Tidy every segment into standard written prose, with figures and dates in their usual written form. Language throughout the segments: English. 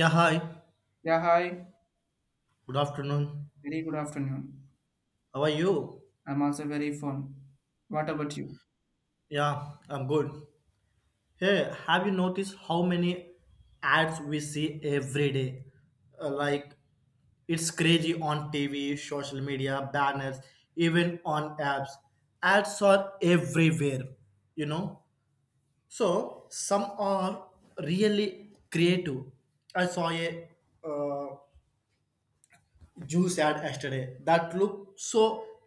Yeah, hi. Yeah, hi. Good afternoon. Very good afternoon. How are you? I'm also very fun. What about you? Yeah, I'm good. Hey, have you noticed how many ads we see every day? Uh, like, it's crazy on TV, social media, banners, even on apps. Ads are everywhere, you know? So, some are really creative. I saw a uh, juice ad yesterday that looked so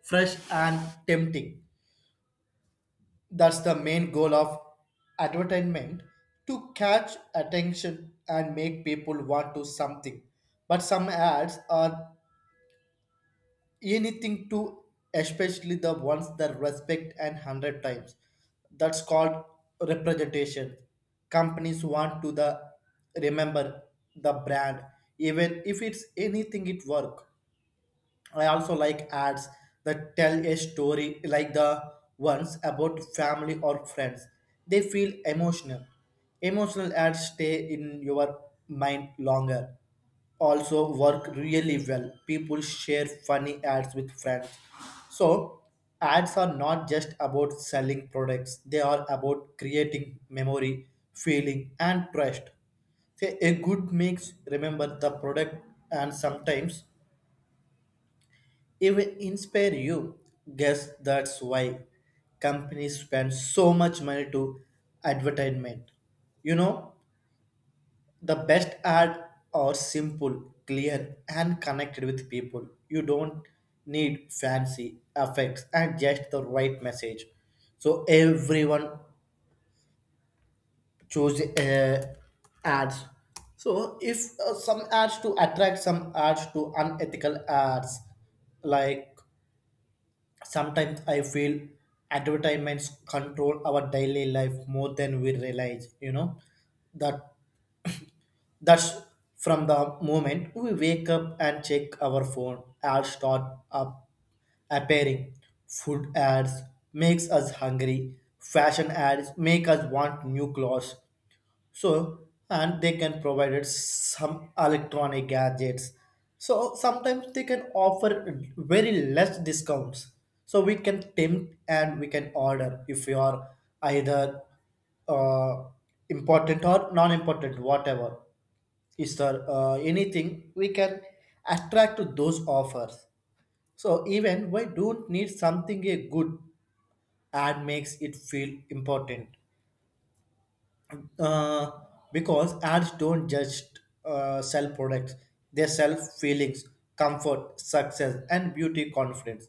fresh and tempting. That's the main goal of advertisement, to catch attention and make people want to something. But some ads are anything to, especially the ones that respect and hundred times. That's called representation. Companies want to the remember the brand, even if it's anything it work. I also like ads that tell a story, like the ones about family or friends. They feel emotional. Emotional ads stay in your mind longer. Also work really well. People share funny ads with friends. So ads are not just about selling products. They are about creating memory, feeling and trust. Say, a good mix remember the product and sometimes even inspire you. Guess that's why companies spend so much money to advertisement. You know, the best ad are simple, clear, and connected with people. You don't need fancy effects and just the right message. So everyone choose ads. So if some ads to attract, some ads to unethical ads like. Sometimes I feel advertisements control our daily life more than we realize, you know. That that's from the moment we wake up and check our phone, ads start up appearing. Food ads makes us hungry. Fashion ads make us want new clothes, so and they can provide it some electronic gadgets, so sometimes they can offer very less discounts, so we can tempt and we can order if we are either uh, important or non-important, whatever is there, anything we can attract to those offers. So even we don't need something, a good ad makes it feel important, uh, because ads don't just sell products, they sell feelings, comfort, success and beauty confidence.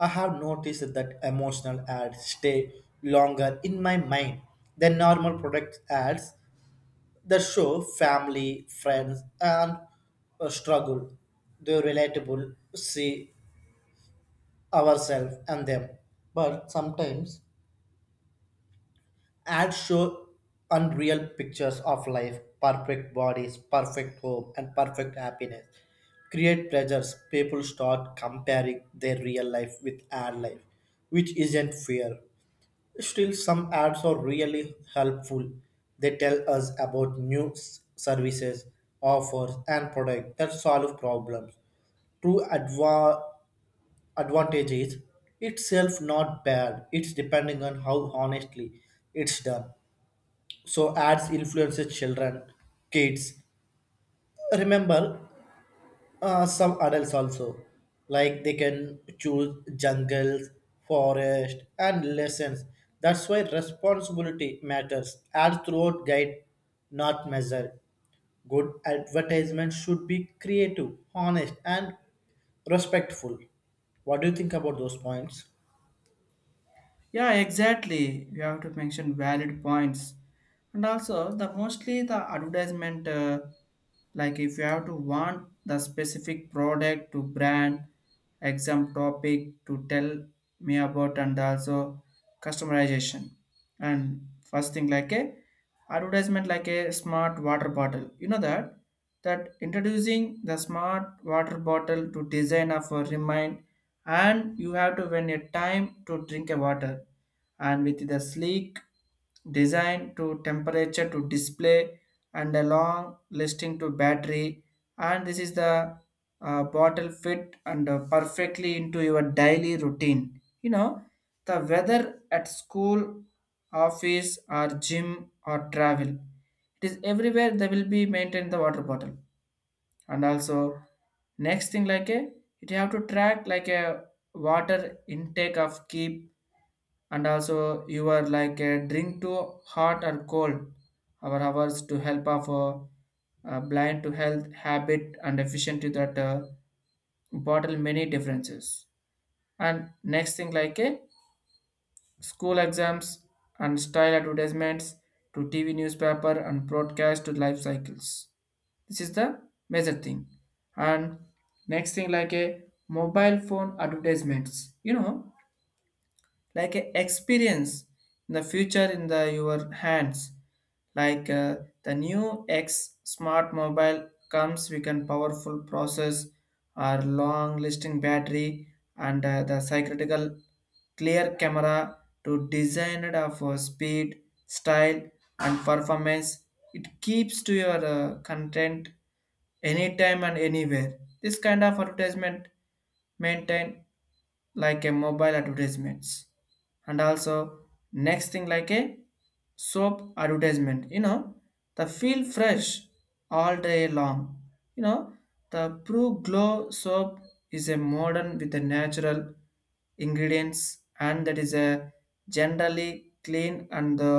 I have noticed that emotional ads stay longer in my mind than normal product ads that show family, friends, and struggle. They're relatable, see ourselves and them. But sometimes ads show unreal pictures of life, perfect bodies, perfect home, and perfect happiness. Create pressures. People start comparing their real life with ad life, which isn't fair. Still, some ads are really helpful. They tell us about services, offers, and products that solve problems. true adva- advantage is itself not bad, it's depending on how honestly it's done. So ads influences children, kids remember, some adults also, like they can choose jungles, forest and lessons. That's why responsibility matters, ads throughout guide, not measure. Good advertisement should be creative, honest and respectful. What do you think about those points? Yeah, exactly. You have to mention valid points. And also the mostly the advertisement, like if you have to want the specific product to brand exam topic to tell me about, and also customization. And first thing like a advertisement like a smart water bottle, you know, that introducing the smart water bottle to design of a remind, and you have to when a time to drink a water, and with the sleek design to temperature to display, and a long listing to battery. And this is the bottle fit and perfectly into your daily routine, you know, the weather at school, office or gym or travel. It is everywhere they will be maintained the water bottle. And also next thing like a, it you have to track like a water intake of keep, and also you are like a drink to hot or cold our hours to help of blind to health habit and efficient to that bottle many differences. And next thing like a school exams and style advertisements to TV newspaper and broadcast to life cycles. This is the major thing. And next thing like a mobile phone advertisements, you know, like a experience in the future in the your hands, like the new x smart mobile comes with a powerful process or long lasting battery, and the cyclical clear camera to design it of speed, style and performance. It keeps to your content anytime and anywhere. This kind of advertisement maintain like a mobile advertisements. And also next thing like a soap advertisement, you know, the feel fresh all day long, you know, the pro glow soap is a modern with a natural ingredients, and that is a generally clean and the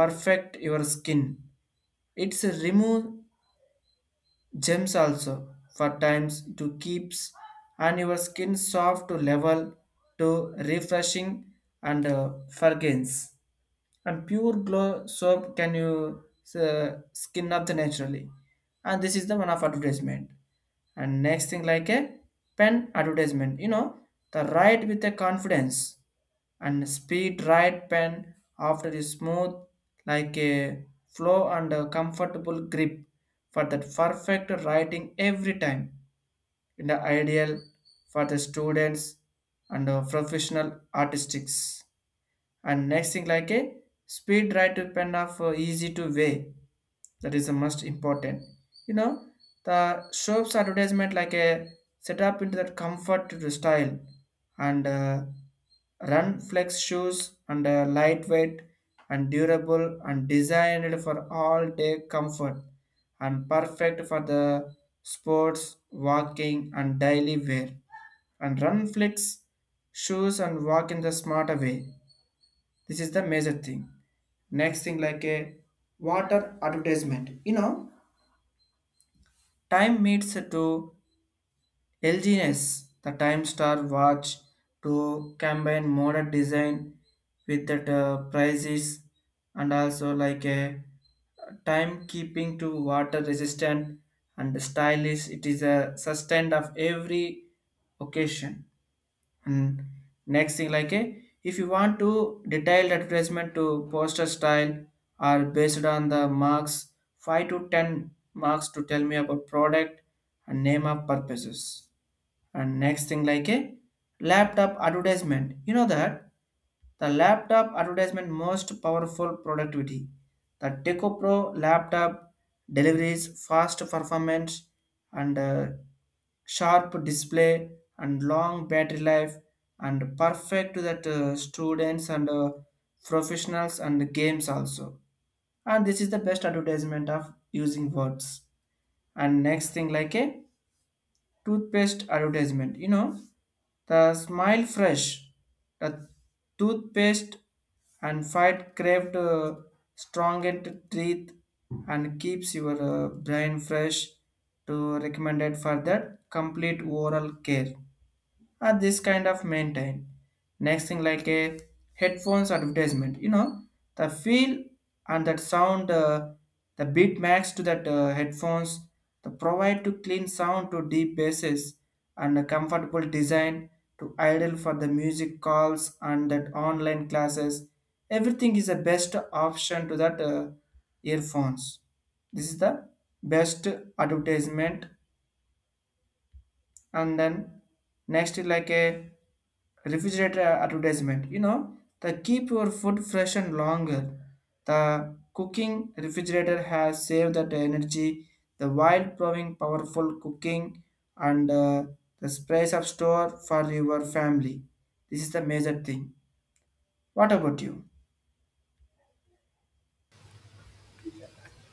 perfect your skin. It's a remove Gems also for times to keeps and your skin soft to level to refreshing and fragrance. And pure glow soap can you skin up the naturally. And this is the one of advertisement. And next thing like a pen advertisement, you know, the write with the confidence and speed right pen after is smooth like a flow and a comfortable grip for that perfect writing every time in the ideal for the students and professional artistics. And next thing like a speed right to pen of easy to weigh, that is the most important, you know, the shops advertisement like a set up into that comfort to the style, and run flex shoes and lightweight and durable and designed for all day comfort and perfect for the sports walking and daily wear. And run flex shoes and walk in the smarter way. This is the major thing. Next thing like a water advertisement. You know, time meets to LGNS, the Time Star watch to combine modern design with that prices, and also like a timekeeping to water resistant and stylish. It is a sustained of every occasion. And next thing like if you want to detailed advertisement to poster style are based on the marks, 5 to 10 marks to tell me about product and name of purposes. And next thing like a laptop advertisement, you know that the laptop advertisement most powerful productivity, the teco pro laptop delivers fast performance and sharp display and long battery life and perfect to that students and professionals and games also. And this is the best advertisement of using words. And next thing like a toothpaste advertisement. You know, the Smile Fresh, the toothpaste and fight craved, strong and teeth and keeps your brain fresh to recommended for that complete oral care are this kind of maintain. Next thing like a headphones advertisement, you know, the feel and that sound, the beat max to that headphones, the provide to clean sound to deep basses and a comfortable design to ideal for the music calls and that online classes. Everything is the best option to that earphones. This is the best advertisement. And then next is like a refrigerator advertisement, you know, the keep your food fresh and longer. The cooking refrigerator has saved that energy, the while proving powerful cooking and the space of store for your family. This is the major thing. What about you?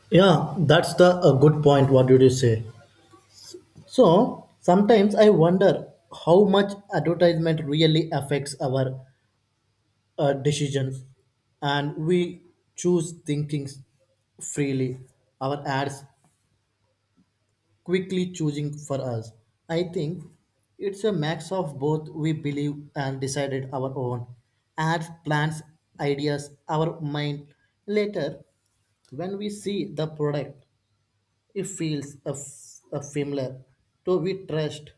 Yeah, that's the a good point. What did you say? So sometimes I wonder how much advertisement really affects our decisions, and we choose thinking freely. Our ads quickly choosing for us. I think it's a mix of both. We believe and decided our own ads, plans, ideas, our mind. Later, when we see the product, it feels a familiar, so we trust.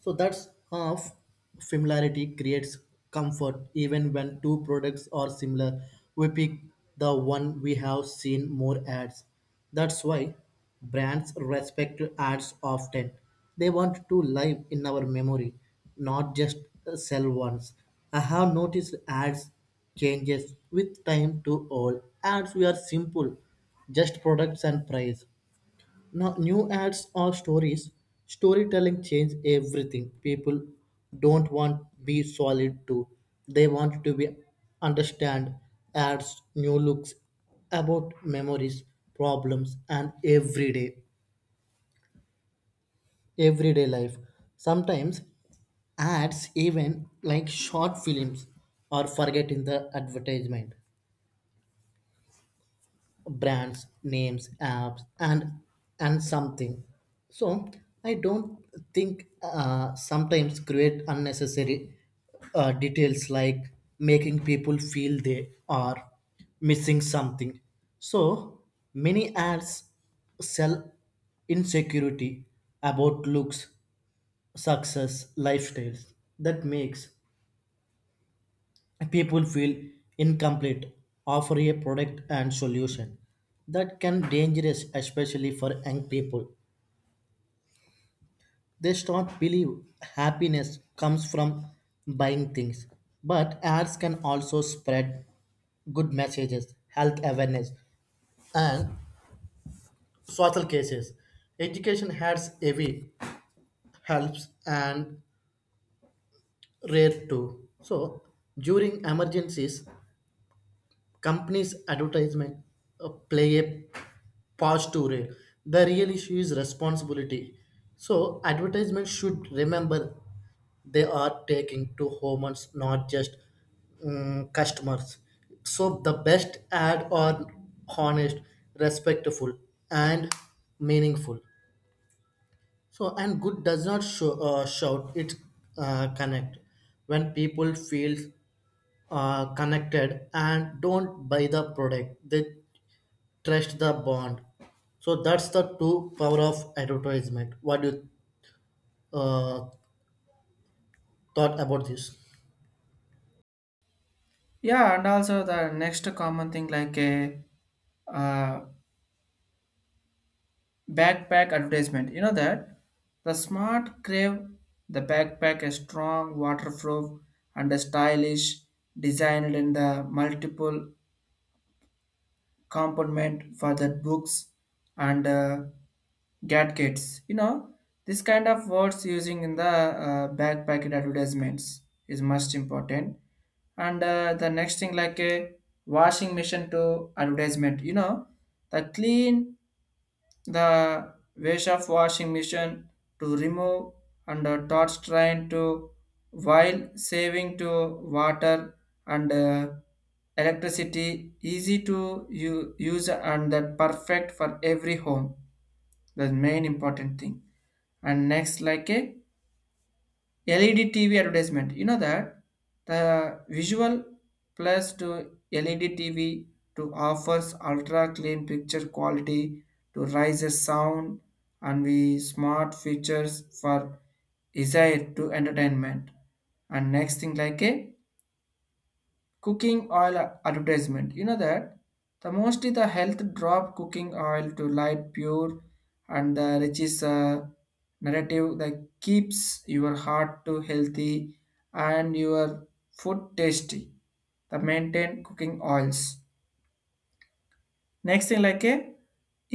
So that's half familiarity creates comfort even when two products are similar. We pick the one we have seen more ads. That's why brands respect ads often. They want to live in our memory, not just sell once. I have noticed ads changes with time to all. Ads we are simple, just products and price. Now, new ads or stories, storytelling change everything. People don't want be solid to. They want to be understand ads, new looks about memories, problems, and everyday life. Sometimes ads even like short films are forgetting the advertisement, brands names, apps and something. So I don't think sometimes create unnecessary details, like making people feel they are missing something. So many ads sell insecurity about looks, success, lifestyles. That makes people feel incomplete. Offer a product and solution that can dangerous, especially for young people. They start believe happiness comes from buying things. But ads can also spread good messages, health awareness and social cases. Education ads heavy helps and rare too, so during emergencies companies advertisement play a part to it. The real issue is responsibility. So advertisements should remember they are taking to humans, not just customers. So the best ad are honest, respectful and meaningful. So, and good does not show, shout, it connect. When people feel connected and don't buy the product, they trust the bond. So that's the true power of advertisement. What you uh, thought about this? Yeah, and also the next common thing like a uh, backpack advertisement. You know that the smart crave, the backpack is strong, waterproof, and a stylish, designed in the multiple compartment for the books and gadgets. You know, this kind of words using in the backpack advertisements is most important. And the next thing like a washing machine to advertisement. You know the clean, the wash of washing machine to remove and a torch train to while saving to water and electricity, easy to use and that perfect for every home. That's main important thing. And next like a LED TV advertisement. You know that the visual plus to LED TV to offers ultra clean picture quality to raise the sound and we smart features for desire to entertainment. And next thing like a cooking oil advertisement, you know that the mostly the health drop cooking oil to light pure and the rich is a narrative that keeps your heart to healthy and your food tasty, the maintain cooking oils. Next thing like a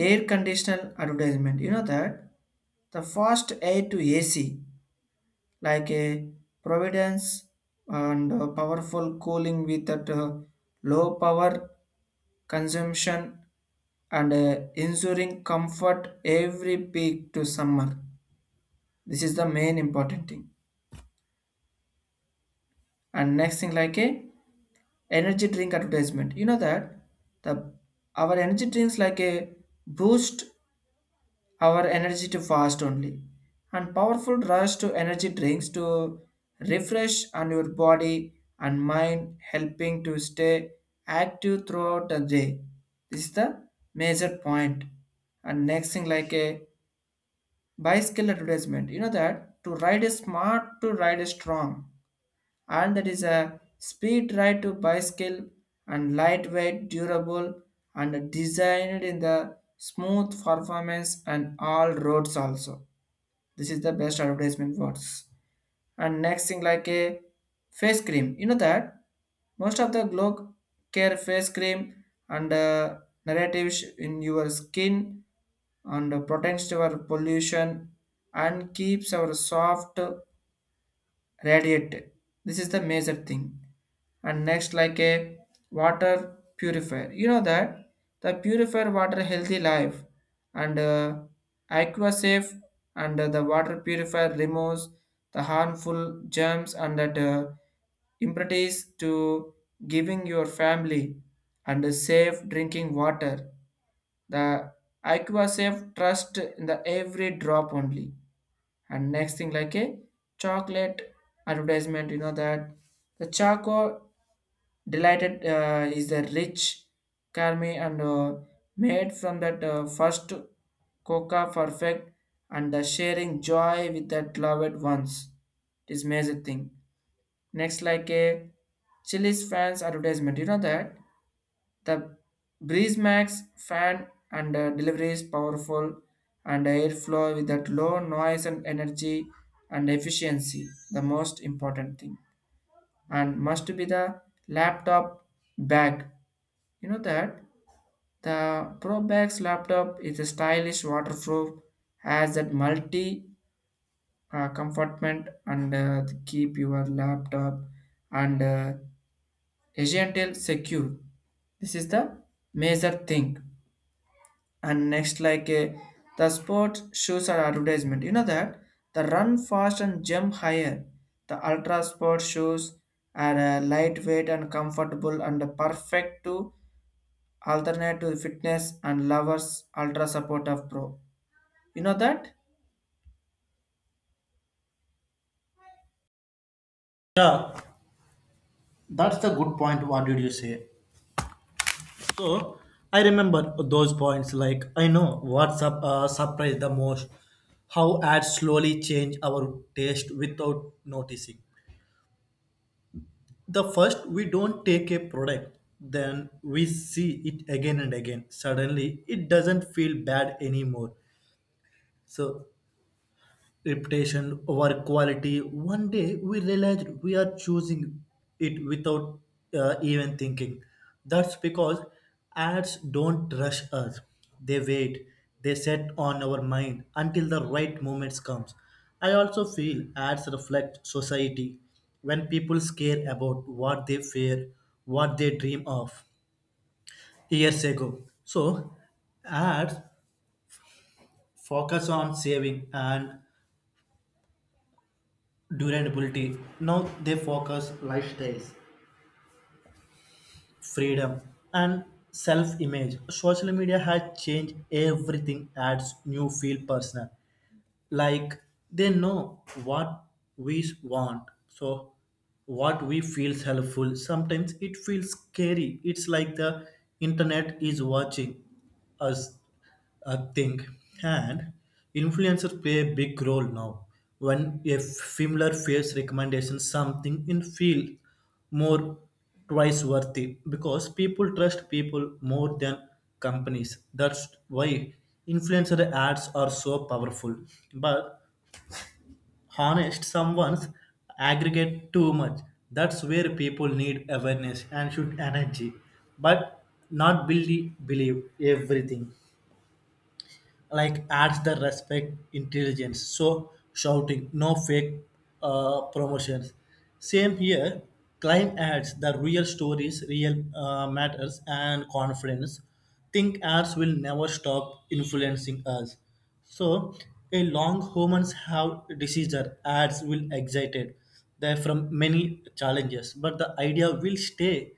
air conditioner advertisement, you know that the fast air to AC, like a Providence and powerful cooling with that low power consumption and ensuring comfort every peak to summer. This is the main important thing. And next thing like a energy drink advertisement, you know that the our energy drinks like a boost our energy to fast only, and powerful rush to energy drinks to refresh on your body and mind helping to stay active throughout the day. This is the major point. And next thing like a bicycle advertisement, you know that to ride a smart to ride a strong, and that is a speed ride to bicycle and lightweight, durable, and designed in the smooth performance and all roads also. This is the best advertisement words. And next thing like a face cream. You know that most of the glow care face cream and narratives in your skin and protects our pollution and keeps our soft radiate. This is the major thing. And next, like a water purifier. You know that the purifier water healthy life and aqua safe and the water purifier removes the harmful germs and that impurities to giving your family and a safe drinking water. The Aqua Safe trust in the every drop only. And next thing like a chocolate advertisement, you know that the choco delighted is the rich caramel, and made from that first coca perfect and the sharing joy with that loved ones. It is amazing thing. Next like a chili's fans advertisement, you know that the breeze max fan and delivery is powerful and airflow with that low noise and energy and efficiency, the most important thing. And must be the laptop bag. You know that the Pro Bags laptop is a stylish waterproof, has that multi compartment and keep your laptop and agile secure. This is the major thing. And next like the sports shoes are advertisement, you know that the run fast and jump higher, the ultra sport shoes are lightweight and comfortable and perfect to alternate to fitness and lovers ultra support of pro, you know that. Yeah, that's the good point. What did you say? So I remember those points. Like I know what surprised the most, how ads slowly change our taste without noticing. The first, we don't take a product, then we see it again and again. Suddenly, it doesn't feel bad anymore. So, reputation over quality. One day we realize we are choosing it without even thinking. That's because ads don't rush us. They wait. They set on our mind until the right moment comes. I also feel ads reflect society when people care about what they fear, what they dream of years ago. So ads focus on saving and durability. Now they focus lifestyles, freedom, and self-image. Social media has changed everything. Adds new feel personal, like they know what we want. So what we feels helpful, sometimes it feels scary, it's like the internet is watching us, I think. And influencers play a big role now, when a similar face recommendation something in feel more twice worthy, because people trust people more than companies. That's why influencer ads are so powerful. But honest, someone's aggregate too much. That's where people need awareness and should energy, but not believe, believe everything. Like adds the respect intelligence, so shouting no fake promotions, same here. Client ads the real stories, real matters and confidence. Think ads will never stop influencing us. So a long humans have diseases, ads will excited there from many challenges, but the idea will stay.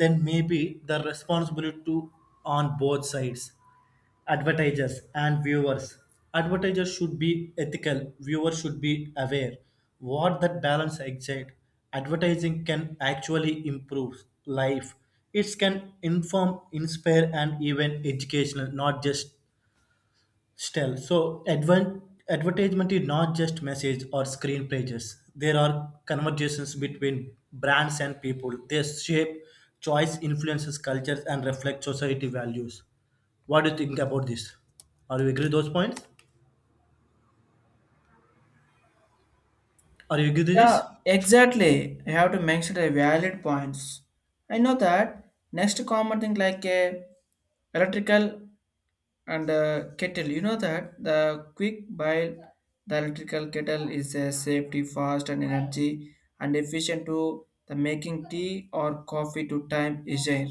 Then maybe the responsibility to on both sides, advertisers and viewers. Advertisers should be ethical, viewers should be aware. What that balance exists, advertising can actually improve life. It can inform, inspire and even educational, not just. Still, so advan advertisement is not just message or screen pages. There are conversations between brands and people. They shape choice, influences cultures, and reflect society values. What do you think about this? Are you agree with those points? Are you agree with Yeah, this? exactly, I have to mention the valid points. I know that next common thing like a electrical and kettle, you know that the quick boil, the electrical kettle is a safety fast and energy and efficient to the making tea or coffee to time is there.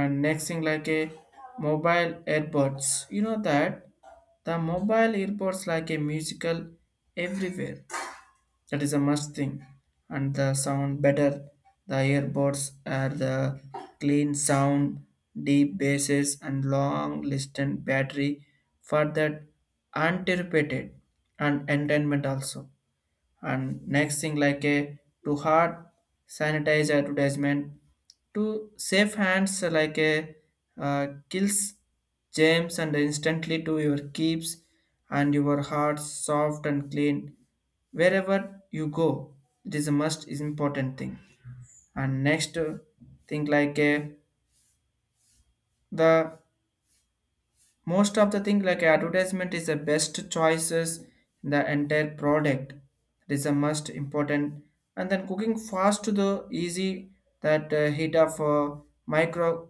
And next thing like a mobile earbuds, you know that the mobile earbuds like a musical everywhere, that is a must thing. And the sound better. The earbuds are the clean sound, deep basses, and long distant battery for that anticipated and entertainment also. And next thing like a to hard sanitize advertisement to safe hands, like a kills germs and instantly to your keeps, and your heart soft and clean wherever you go. It is a most important thing. And next thing like a the most of the thing like advertisement is the best choices in the entire product. It is the most important. And then cooking fast to the easy, that heat of micro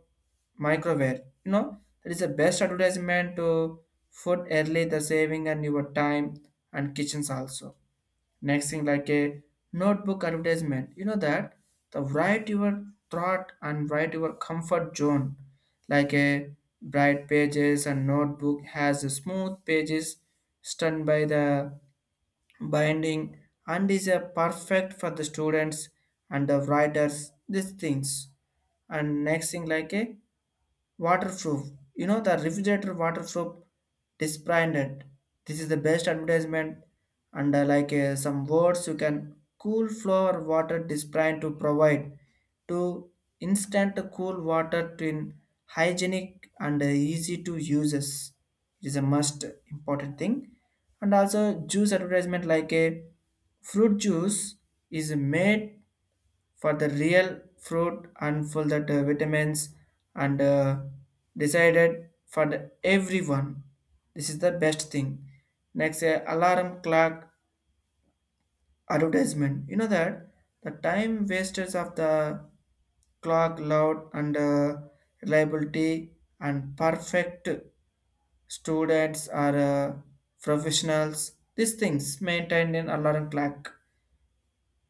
microwave, you know that is the best advertisement to food early, the saving and your time and kitchens also. Next thing like a notebook advertisement, you know that the write your thought and write your comfort zone, like a bright pages and notebook has a smooth pages stunned by the binding and is a perfect for the students and the writers these things. And next thing like a waterproof, you know the refrigerator waterproof disbranded. This is the best advertisement. And like some words you can cool floor water disbrand to provide to instant cool water to in hygienic and easy to uses. It is a must important thing. And also juice advertisement, like a fruit juice is made for the real fruit and for that vitamins and decided for the everyone. This is the best thing. Next alarm clock advertisement, you know that the time wasters of the clock loud and reliability and perfect students are professionals, these things maintained in alarm clock,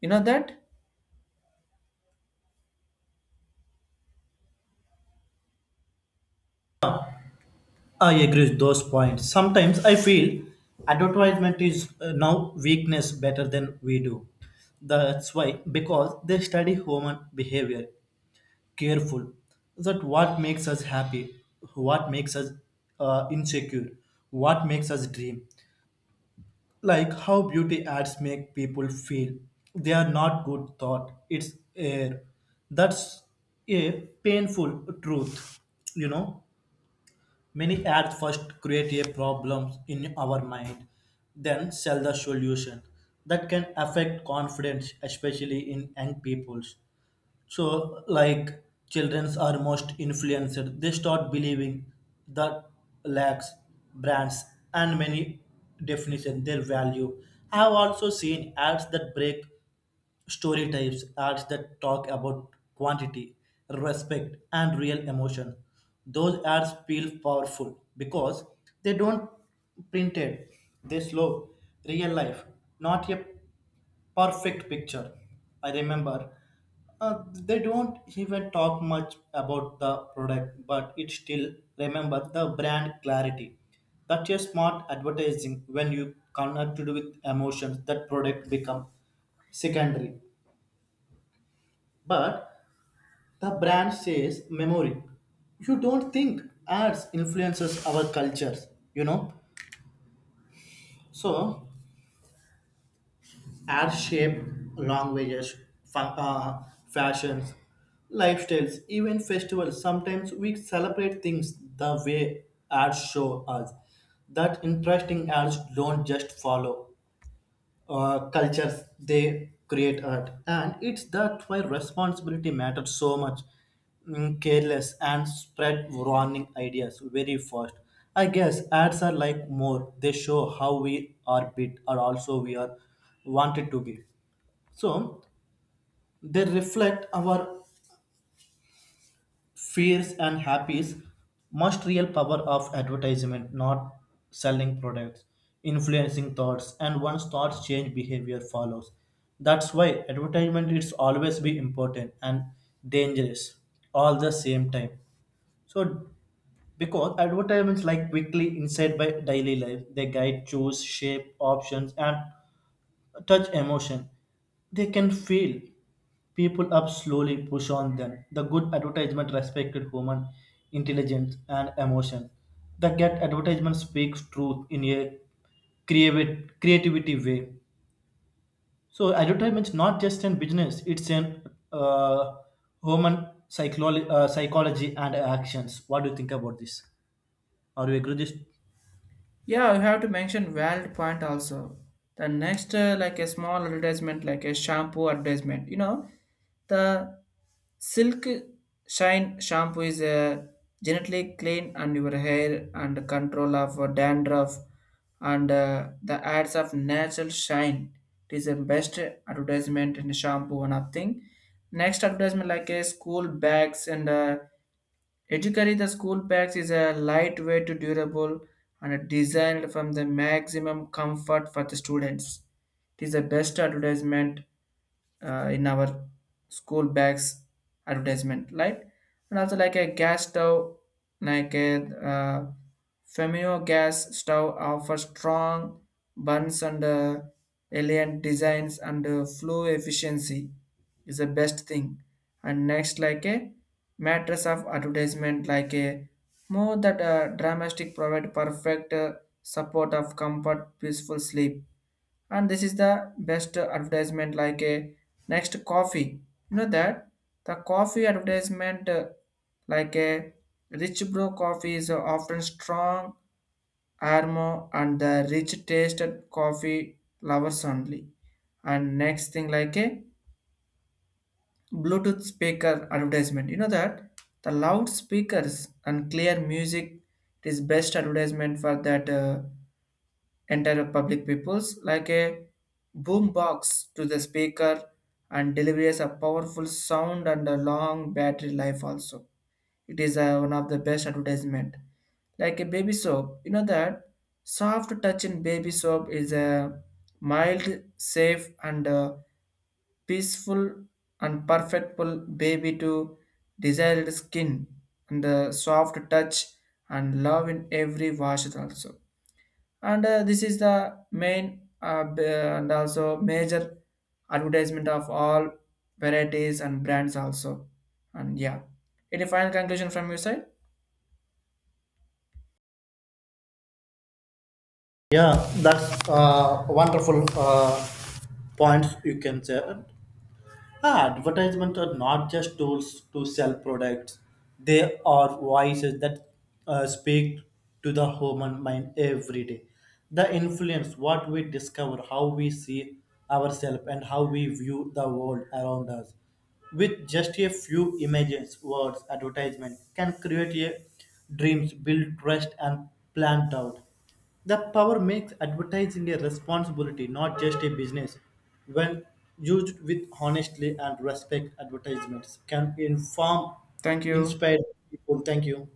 you know that. I agree with those points. Sometimes I feel advertisement is now weakness better than we do. That's why because they study human behavior careful, that what makes us happy, what makes us insecure, what makes us dream. Like how beauty ads make people feel they are not good thought, it's air. That's a painful truth. You know, many ads first create a problem in our mind, then sell the solution. That can affect confidence, especially in young peoples. So, like childrens are most influenced, they start believing that lacks, brands and many definition their value. I have also seen ads that break story types, ads that talk about quantity, respect, and real emotion. Those ads feel powerful because they don't printed, they slow, real life, not a perfect picture. I remember they don't even talk much about the product, but it still remember the brand clarity. That's a smart advertising, when you connected with emotions that product become secondary. But the brand says memory. You don't think ads influences our cultures, you know. So air-shaped languages, fa- uh, fashions, lifestyles, even festivals. Sometimes we celebrate things the way ads show us. That interesting, ads don't just follow cultures; they create art, and it's that why responsibility matters so much. Careless and spread warning ideas very fast. I guess ads are like more; they show how we are bit, or also we are wanted to be. So they reflect our fears and happies. Most real power of advertisement, not selling products, influencing thoughts, and once thoughts change, behavior follows. That's why advertisement is always be important and dangerous all the same time. So because advertisements like quickly inside by daily life, they guide, choose, shape, options, and touch emotion. They can feel people up slowly push on them. The good advertisement respected human intelligence and emotion. The get advertisement speaks truth in a creative creativity way. So advertisement's not just in business; it's in uh, psychology and actions. What do you think about this? Are you agree with this? Yeah, you have to mention valid point also. The next, like a small advertisement, like a shampoo advertisement. You know, the Silk Shine shampoo is a genetically clean and your hair and control of dandruff, and the ads of natural shine. It is the best advertisement in shampoo one of thing. Next advertisement like a school bags, and Ethically, the school bags is a lightweight, durable, and designed from the maximum comfort for the students. It is the best advertisement in our school bags advertisement, right? And also like a gas stove, like a uh, Femio gas stove offers strong burns and elegant designs and flow efficiency is the best thing. And next, like a mattress of advertisement, like a more that dramatic provide perfect support of comfort, peaceful sleep. And this is the best advertisement like a next coffee, you know that the coffee advertisement like a rich bro coffee is often strong aroma and the rich tasted coffee lovers only. And next thing like a bluetooth speaker advertisement, you know that the loud speakers and clear music is best advertisement for that enter public peoples like a boom box to the speaker and delivers a powerful sound and a long battery life also. It is one of the best advertisement, like a baby soap, you know that soft touch in baby soap is a mild safe and peaceful and perfectful baby to desired skin, and the soft touch and love in every wash also. And this is the main, and also major advertisement of all varieties and brands also. And yeah, any final conclusion from your side? Yeah, that's wonderful points you can say. Ah, advertisements are not just tools to sell products. They are voices that speak to the human mind every day. The influence what we discover, how we see ourselves, and how we view the world around us. With just a few images, words, advertisement can create a dreams, build trust, and plant doubt. The power makes advertising a responsibility, not just a business. When used with honestly and respect, advertisements can inform, Thank you. inspire people. Thank you.